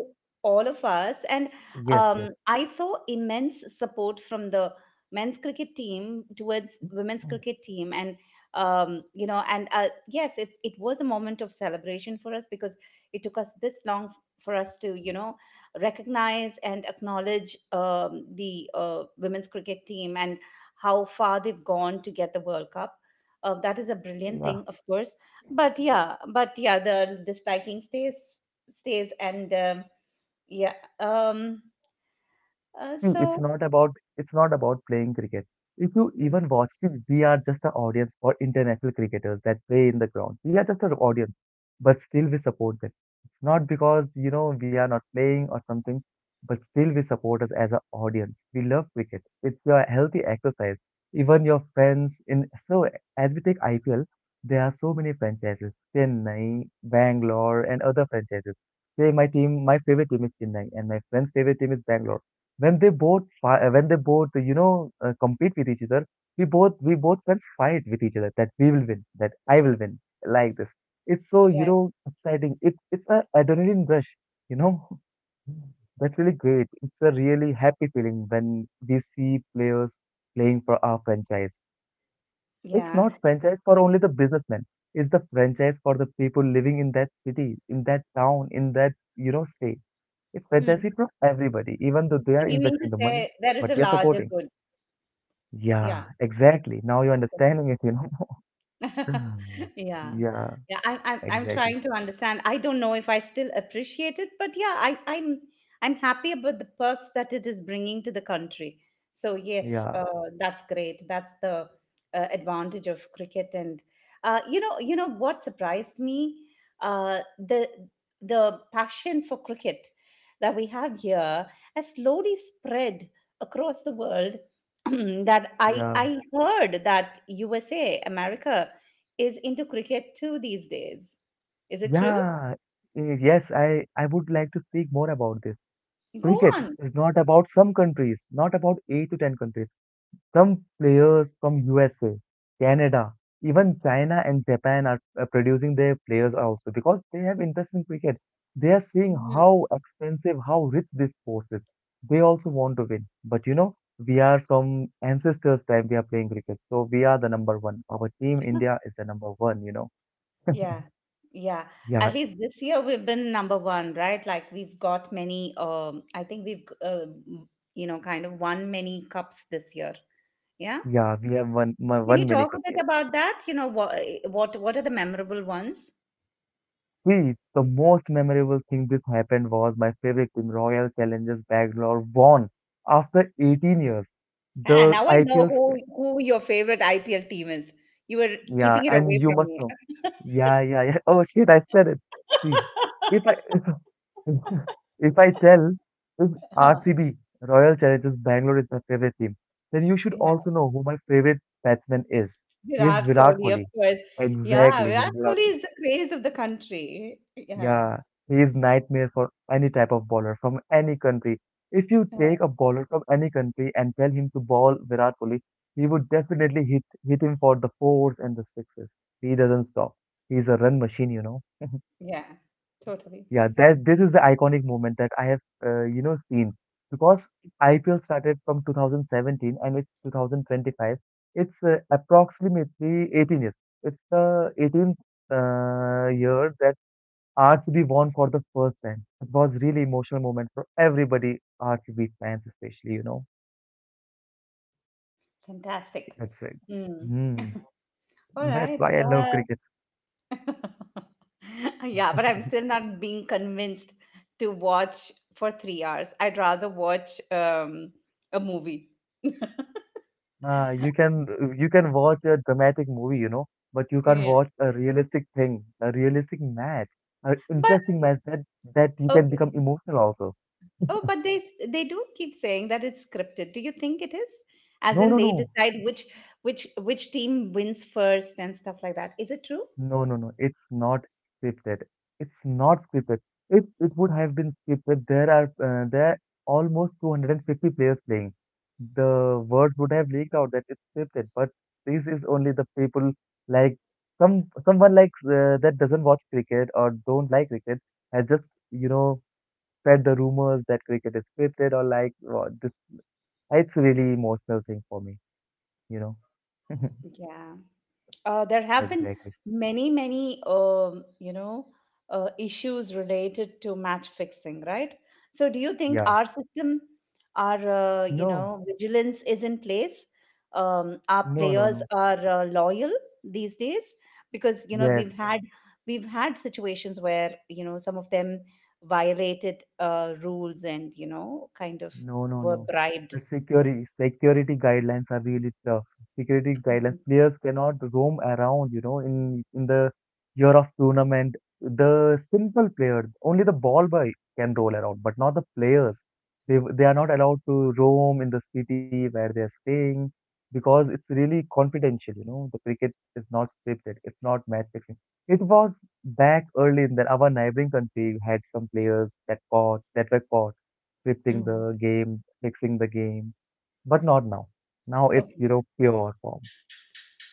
Speaker 1: all of us, and
Speaker 2: yes, yes,
Speaker 1: I saw immense support from the men's cricket team towards women's
Speaker 2: Mm,
Speaker 1: cricket team, and yes, it was a moment of celebration for us because it took us this long for us to, you know, recognize and acknowledge the women's cricket team and how far they've gone to get the World Cup. That is a brilliant
Speaker 2: yeah.
Speaker 1: thing, of course. But yeah, the disliking stays, and yeah. Um.
Speaker 2: See, it's
Speaker 1: So.
Speaker 2: not about it's not about playing cricket. If you
Speaker 1: Mm.
Speaker 2: even watch, see, we are just an audience for international cricketers that play in the ground. We are just an audience, but still we support them. It's not because we are not playing or something, but still we support us as an audience. We love cricket. It's a healthy exercise. Even your friends in so as we take IPL, there are so many franchises: Chennai, Bangalore, and other franchises. Say my team, my favorite team is Chennai, and my friend's favorite team is Bangalore. When they both compete with each other, we both can fight with each other, that we will win, that I will win, like this. It's so
Speaker 1: Correct.
Speaker 2: exciting. It's a adrenaline rush you know that's really great. It's a really happy feeling when we see players playing for our franchise. It's
Speaker 1: Yeah.
Speaker 2: not franchise for only the businessmen. It's the franchise for the people living in that city, in that town, in that state. It's
Speaker 1: Hmm.
Speaker 2: fantastic from everybody, even though they
Speaker 1: So
Speaker 2: are
Speaker 1: you mean
Speaker 2: investing
Speaker 1: to
Speaker 2: the money,
Speaker 1: say there is
Speaker 2: but
Speaker 1: a
Speaker 2: we are
Speaker 1: larger
Speaker 2: supporting.
Speaker 1: good?
Speaker 2: Yeah,
Speaker 1: Yeah.
Speaker 2: exactly. Now you're understanding it. Mm.
Speaker 1: Yeah.
Speaker 2: Yeah,
Speaker 1: Yeah, I'm
Speaker 2: exactly.
Speaker 1: trying to understand. I don't know if I still appreciate it, but yeah, I'm happy about the perks that it is bringing to the country. So yes,
Speaker 2: Yeah,
Speaker 1: that's great. That's the advantage of cricket. And you know what surprised me, uh, the the passion for cricket that we have here has slowly spread across the world. That I
Speaker 2: yeah,
Speaker 1: I heard that USA, America is into cricket too these days. Is it true?
Speaker 2: yeah. Yes, I would like to speak more about this.
Speaker 1: Go
Speaker 2: Cricket
Speaker 1: on.
Speaker 2: is not about some countries, not about eight to ten countries. Some players from USA, Canada, even China and Japan are producing their players also because they have interest in cricket. They are seeing
Speaker 1: Mhm.
Speaker 2: how expensive, how rich this sport is. They also want to win. But we are from ancestors' time, we are playing cricket. So we are the number one. Our team India is the number one.
Speaker 1: Yeah. Yeah. At
Speaker 2: Yeah,
Speaker 1: least this year we've been number one, right? Like we've got many, I think we've, kind of won many cups this year. Yeah.
Speaker 2: yeah, we have won,
Speaker 1: Can you
Speaker 2: won many
Speaker 1: talk a
Speaker 2: cups.
Speaker 1: bit about that? You know, what, what are the memorable ones?
Speaker 2: See, the most memorable thing this happened was my favorite team, Royal Challengers Bangalore, won after 18 years.
Speaker 1: Ah,
Speaker 2: The
Speaker 1: now I know
Speaker 2: IPL spread.
Speaker 1: who your favorite IPL team is. You were
Speaker 2: Yeah,
Speaker 1: keeping it
Speaker 2: and
Speaker 1: away
Speaker 2: you
Speaker 1: from
Speaker 2: must
Speaker 1: me.
Speaker 2: know. Yeah, yeah, yeah. Oh shit, I said it. See, if I, if I tell if
Speaker 1: Huh.
Speaker 2: RCB, Royal Challengers Bangalore is my favorite team, then you should
Speaker 1: Yeah.
Speaker 2: also know who my favorite batsman is. He is
Speaker 1: Virat
Speaker 2: Virat
Speaker 1: Kohli, of
Speaker 2: Kohli.
Speaker 1: course. Yeah,
Speaker 2: Exactly, he's
Speaker 1: Virat
Speaker 2: Virat.
Speaker 1: Kohli is the craze of the country. Yeah,
Speaker 2: Yeah, he is nightmare for any type of bowler from any country. If you
Speaker 1: yeah,
Speaker 2: take a bowler from any country and tell him to bowl Virat Kohli, he would definitely hit him for the fours and the sixes. He doesn't stop. He's a run machine.
Speaker 1: yeah, totally.
Speaker 2: Yeah, that this is the iconic moment that I have, seen because IPL started from 2017 and it's 2025. It's approximately 18 years. It's the 18th year that RCB won for the first time. It was really emotional moment for everybody, RCB fans especially.
Speaker 1: Fantastic.
Speaker 2: That's it.
Speaker 1: Mm.
Speaker 2: Hmm.
Speaker 1: All
Speaker 2: That's
Speaker 1: right.
Speaker 2: why I love cricket.
Speaker 1: Yeah, but I'm still not being convinced to watch for 3 hours. I'd rather watch a movie.
Speaker 2: You can you can watch a dramatic movie, but you can't
Speaker 1: Yeah.
Speaker 2: watch a realistic thing, a realistic match, an
Speaker 1: But
Speaker 2: interesting match that you can become
Speaker 1: okay,
Speaker 2: emotional also.
Speaker 1: oh, but they do keep saying that it's scripted. Do you think it is? As
Speaker 2: No,
Speaker 1: in
Speaker 2: no,
Speaker 1: they
Speaker 2: no.
Speaker 1: decide which which team wins first and stuff like that. Is it true?
Speaker 2: No, no, no. It's not scripted. It's not scripted. If it would have been scripted, there are almost 250 players playing. The words would have leaked out that it's scripted, but this is only the people like someone like that doesn't watch cricket or don't like cricket has just you know spread the rumors that cricket is scripted or like wow, this. It's a really emotional thing for me, you know.
Speaker 1: Yeah. There have been
Speaker 2: Exactly.
Speaker 1: many, many, um, you know, issues related to match fixing, right? So, do you think
Speaker 2: Yeah.
Speaker 1: our system, our,
Speaker 2: No,
Speaker 1: vigilance is in place? Our
Speaker 2: no, no,
Speaker 1: players
Speaker 2: no.
Speaker 1: are loyal these days because
Speaker 2: Yes.
Speaker 1: we've had situations where some of them violated rules and kind of
Speaker 2: No, no,
Speaker 1: were
Speaker 2: no.
Speaker 1: bribed.
Speaker 2: The security guidelines are really tough. Security guidelines.
Speaker 1: Mhm.
Speaker 2: Players cannot roam around, in the year of tournament. The simple player, only the ball boy can roll around, but not the players. They are not allowed to roam in the city where they are staying because it's really confidential. The cricket is not scripted. It's not match fixing. It was back early in that our neighboring country had some players that caught that were caught scripting
Speaker 1: Mm.
Speaker 2: the game, fixing the game, but not now. Now it's,
Speaker 1: Okay.
Speaker 2: you know, pure form.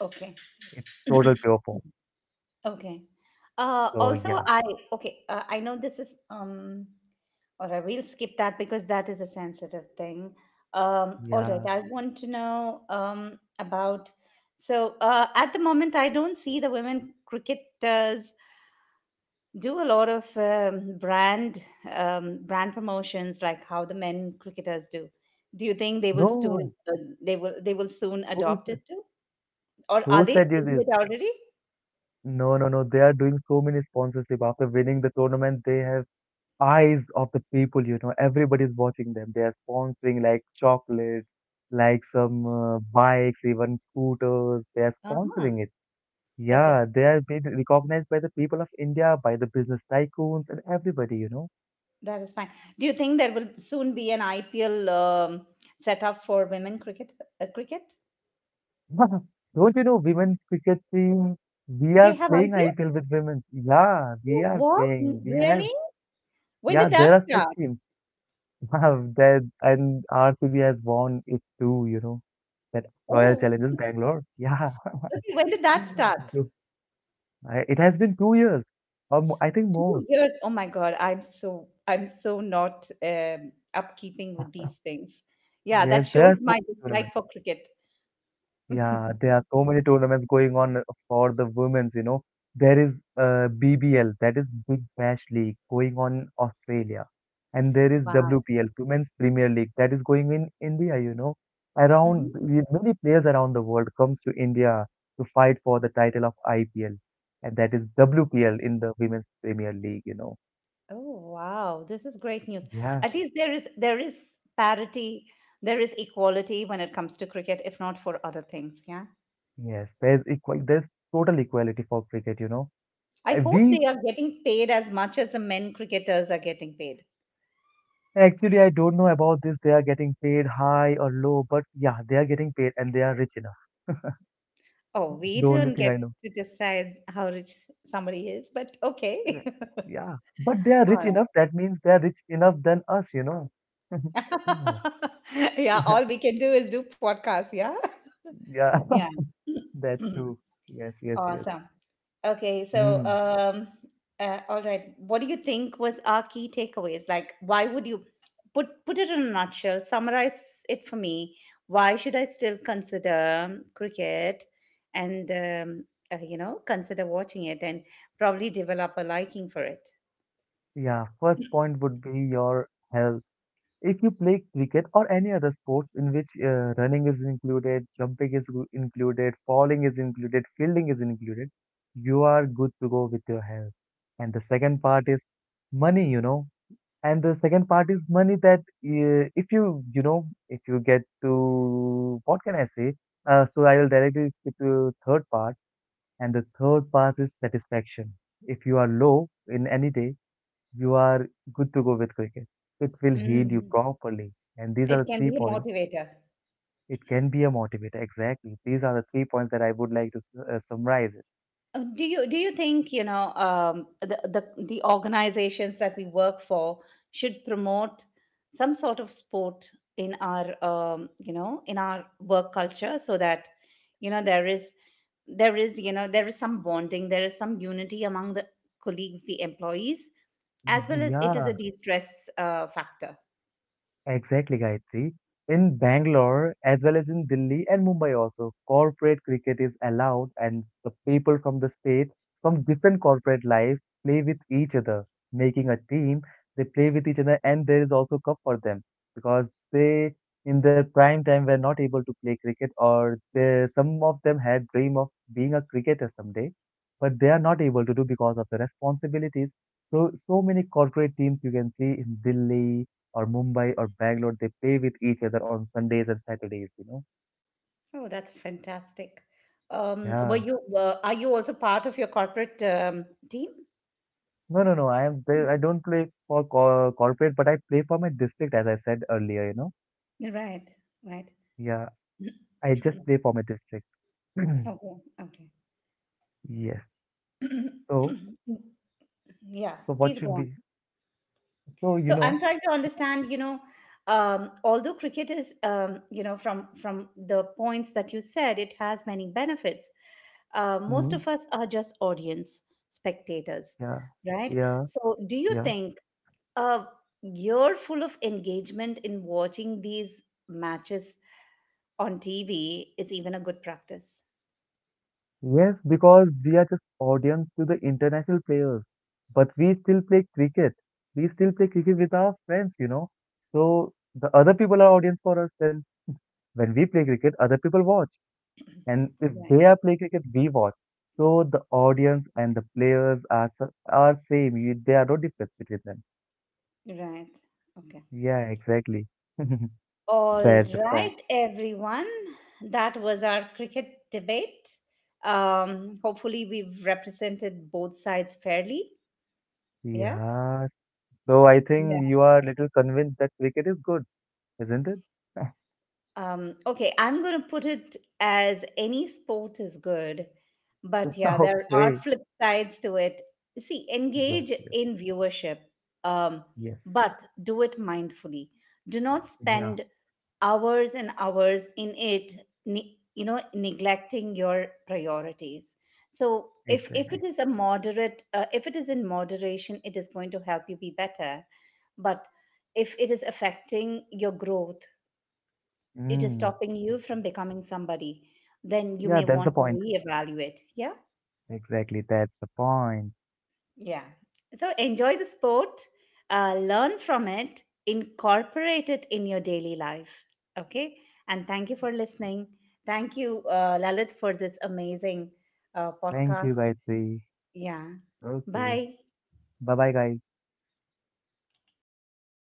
Speaker 1: Okay.
Speaker 2: It's total pure form.
Speaker 1: Okay.
Speaker 2: So
Speaker 1: Also,
Speaker 2: yeah,
Speaker 1: I okay. I know this is Alright, we will skip that because that is a sensitive thing. All right.
Speaker 2: yeah.
Speaker 1: I want to know about. So at the moment, I don't see the women cricketers do a lot of brand promotions like how the men cricketers do. Do you think they will still
Speaker 2: No,
Speaker 1: uh, they will soon
Speaker 2: who
Speaker 1: adopt
Speaker 2: said,
Speaker 1: it too, or are
Speaker 2: who
Speaker 1: they
Speaker 2: said you
Speaker 1: into
Speaker 2: this?
Speaker 1: it already?
Speaker 2: No, no, no. They are doing so many sponsorship after winning the tournament. They have eyes of the people. Everybody's watching them. They are sponsoring like chocolates, like some bikes, even scooters. They are
Speaker 1: Uh
Speaker 2: sponsoring it.
Speaker 1: huh.
Speaker 2: Yeah, they are being recognized by the people of India, by the business tycoons, and everybody.
Speaker 1: That is fine. Do you think there will soon be an IPL set up for women cricket? Cricket?
Speaker 2: Don't you know women's cricket team? We
Speaker 1: They
Speaker 2: are
Speaker 1: have
Speaker 2: playing
Speaker 1: IPL?
Speaker 2: IPL with women. Yeah, we
Speaker 1: Oh,
Speaker 2: are
Speaker 1: what?
Speaker 2: playing. We have
Speaker 1: Really? When
Speaker 2: yeah,
Speaker 1: did that
Speaker 2: there are six
Speaker 1: start?
Speaker 2: teams. Wow, that and RCB has won it too, That Royal
Speaker 1: Oh,
Speaker 2: Challengers Bangalore. Yeah.
Speaker 1: okay, when did that start?
Speaker 2: So, it has been 2 years. I think more.
Speaker 1: 2 years. Oh my God, I'm so not upkeeping with these things. Yeah,
Speaker 2: Yes,
Speaker 1: that
Speaker 2: there
Speaker 1: shows
Speaker 2: are so many
Speaker 1: my dislike
Speaker 2: tournaments.
Speaker 1: for cricket.
Speaker 2: Yeah, there are so many tournaments going on for the women's. There is BBL, that is Big Bash League, going on in Australia. And there is
Speaker 1: Wow.
Speaker 2: WPL, Women's Premier League, that is going in India, Around,
Speaker 1: Mhm.
Speaker 2: many players around the world comes to India to fight for the title of IPL. And that is WPL in the Women's Premier League,
Speaker 1: Oh, wow. This is great news.
Speaker 2: Yeah,
Speaker 1: At least there is parity, there is equality when it comes to cricket, if not for other things. Yeah.
Speaker 2: there's total equality for cricket, you know.
Speaker 1: I hope
Speaker 2: We
Speaker 1: they are getting paid as much as the men cricketers are getting paid.
Speaker 2: Actually, I don't know about this. They are getting paid high or low, but yeah, they are getting paid and they are rich enough.
Speaker 1: Oh, we
Speaker 2: The only
Speaker 1: don't
Speaker 2: thing
Speaker 1: get
Speaker 2: I know.
Speaker 1: to decide how rich somebody is, but okay.
Speaker 2: Right. Yeah, but they are
Speaker 1: All
Speaker 2: rich
Speaker 1: right.
Speaker 2: enough. That means they are rich enough than us, you know. Oh.
Speaker 1: Yeah, all we can do is do podcasts. Yeah.
Speaker 2: Yeah,
Speaker 1: Yeah.
Speaker 2: that's true. Yes, yes, yes.
Speaker 1: Awesome. Okay, so
Speaker 2: Hmm.
Speaker 1: all right. What do you think was our key takeaways? Like, why would you put it in a nutshell? Summarize it for me. Why should I still consider cricket, and you know, consider watching it? And probably develop a liking for it.
Speaker 2: Yeah, first point would be your health. If you play cricket or any other sports in which running is included, jumping is included, falling is included, fielding is included, you are good to go with your health. And the second part is money, you know. And the second part is money that if you get to, what can I say? So I will directly skip to third part. And the third part is satisfaction. If you are low in any day, you are good to go with cricket. It will heal you
Speaker 1: Mhm.
Speaker 2: properly. And these are
Speaker 1: It
Speaker 2: the
Speaker 1: can
Speaker 2: three
Speaker 1: be a
Speaker 2: points.
Speaker 1: motivator.
Speaker 2: It can be a motivator. Exactly. These are the three points that I would like to summarize it.
Speaker 1: Do you think the the organizations that we work for should promote some sort of sport in our in our work culture so that there is there is there is some bonding, there is some unity among the colleagues, the employees, as
Speaker 2: Mhm.
Speaker 1: well as it is
Speaker 2: Yeah.
Speaker 1: a de-stress factor.
Speaker 2: Exactly, Gayatri. In Bangalore, as well as in Delhi and Mumbai also, corporate cricket is allowed and the people from the state, from different corporate life, play with each other, making a team. They play with each other and there is also cup for them because they, in their prime time, were not able to play cricket or they, some of them had dream of being a cricketer someday, but they are not able to do because of the responsibilities. So, so many corporate teams you can see in Delhi, or Mumbai or Bangalore, they play with each other on Sundays and Saturdays, you know?
Speaker 1: Oh, that's fantastic.
Speaker 2: Yeah.
Speaker 1: Are you also part of your corporate team?
Speaker 2: No, no, no. I am there. I don't play for corporate, but I play for my district, as I said earlier, you know?
Speaker 1: Right, right.
Speaker 2: Yeah. I just play for my district.
Speaker 1: Okay, okay.
Speaker 2: Yes. So,
Speaker 1: Yeah,
Speaker 2: so what
Speaker 1: please go
Speaker 2: should
Speaker 1: on.
Speaker 2: be? So, you
Speaker 1: So
Speaker 2: know,
Speaker 1: I'm trying to understand, you know, although cricket is, from the points that you said, it has many benefits. Most
Speaker 2: hmm,
Speaker 1: of us are just audience spectators,
Speaker 2: yeah,
Speaker 1: right?
Speaker 2: yeah,
Speaker 1: So do you
Speaker 2: yeah.
Speaker 1: think a year full of engagement in watching these matches on TV is even a good practice?
Speaker 2: Yes, because we are just audience to the international players, but we still play cricket. We still play cricket with our friends. So the other people are audience for us. Then when we play cricket, other people watch, and if
Speaker 1: Right,
Speaker 2: they are play cricket, we watch. So the audience and the players are are same. You, there are no difference between them.
Speaker 1: right. Okay.
Speaker 2: Yeah, exactly. That's
Speaker 1: All
Speaker 2: the fact.
Speaker 1: right, everyone, that was our cricket debate. Hopefully we've represented both sides fairly. Yeah,
Speaker 2: Yeah. So I
Speaker 1: yeah.
Speaker 2: think you are little convinced that cricket is good, isn't it?
Speaker 1: Okay, I'm going to put it as any sport is good, but yeah, there are
Speaker 2: Okay.
Speaker 1: flip sides to it. See,
Speaker 2: Yes,
Speaker 1: engage
Speaker 2: yes,
Speaker 1: in viewership, um,
Speaker 2: yes.
Speaker 1: but do it mindfully. Do not
Speaker 2: Yeah,
Speaker 1: spend hours and hours in it, you know, neglecting your priorities. So if it
Speaker 2: exactly.
Speaker 1: is a moderate, if it is in moderation, it is going to help you be better. But if it is affecting your growth, it is
Speaker 2: Mm,
Speaker 1: stopping you
Speaker 2: exactly.
Speaker 1: from becoming somebody, then you
Speaker 2: Yeah,
Speaker 1: may
Speaker 2: that's the
Speaker 1: want to
Speaker 2: point.
Speaker 1: reevaluate. Yeah,
Speaker 2: Exactly, that's the point.
Speaker 1: yeah. So enjoy the sport, learn from it, incorporate it in your daily life. Okay, and thank you for listening. Thank you, Lalit, for this amazing
Speaker 2: Thank you,
Speaker 1: podcast.
Speaker 2: guys. Okay.
Speaker 1: Yeah, bye.
Speaker 2: Bye bye, guys.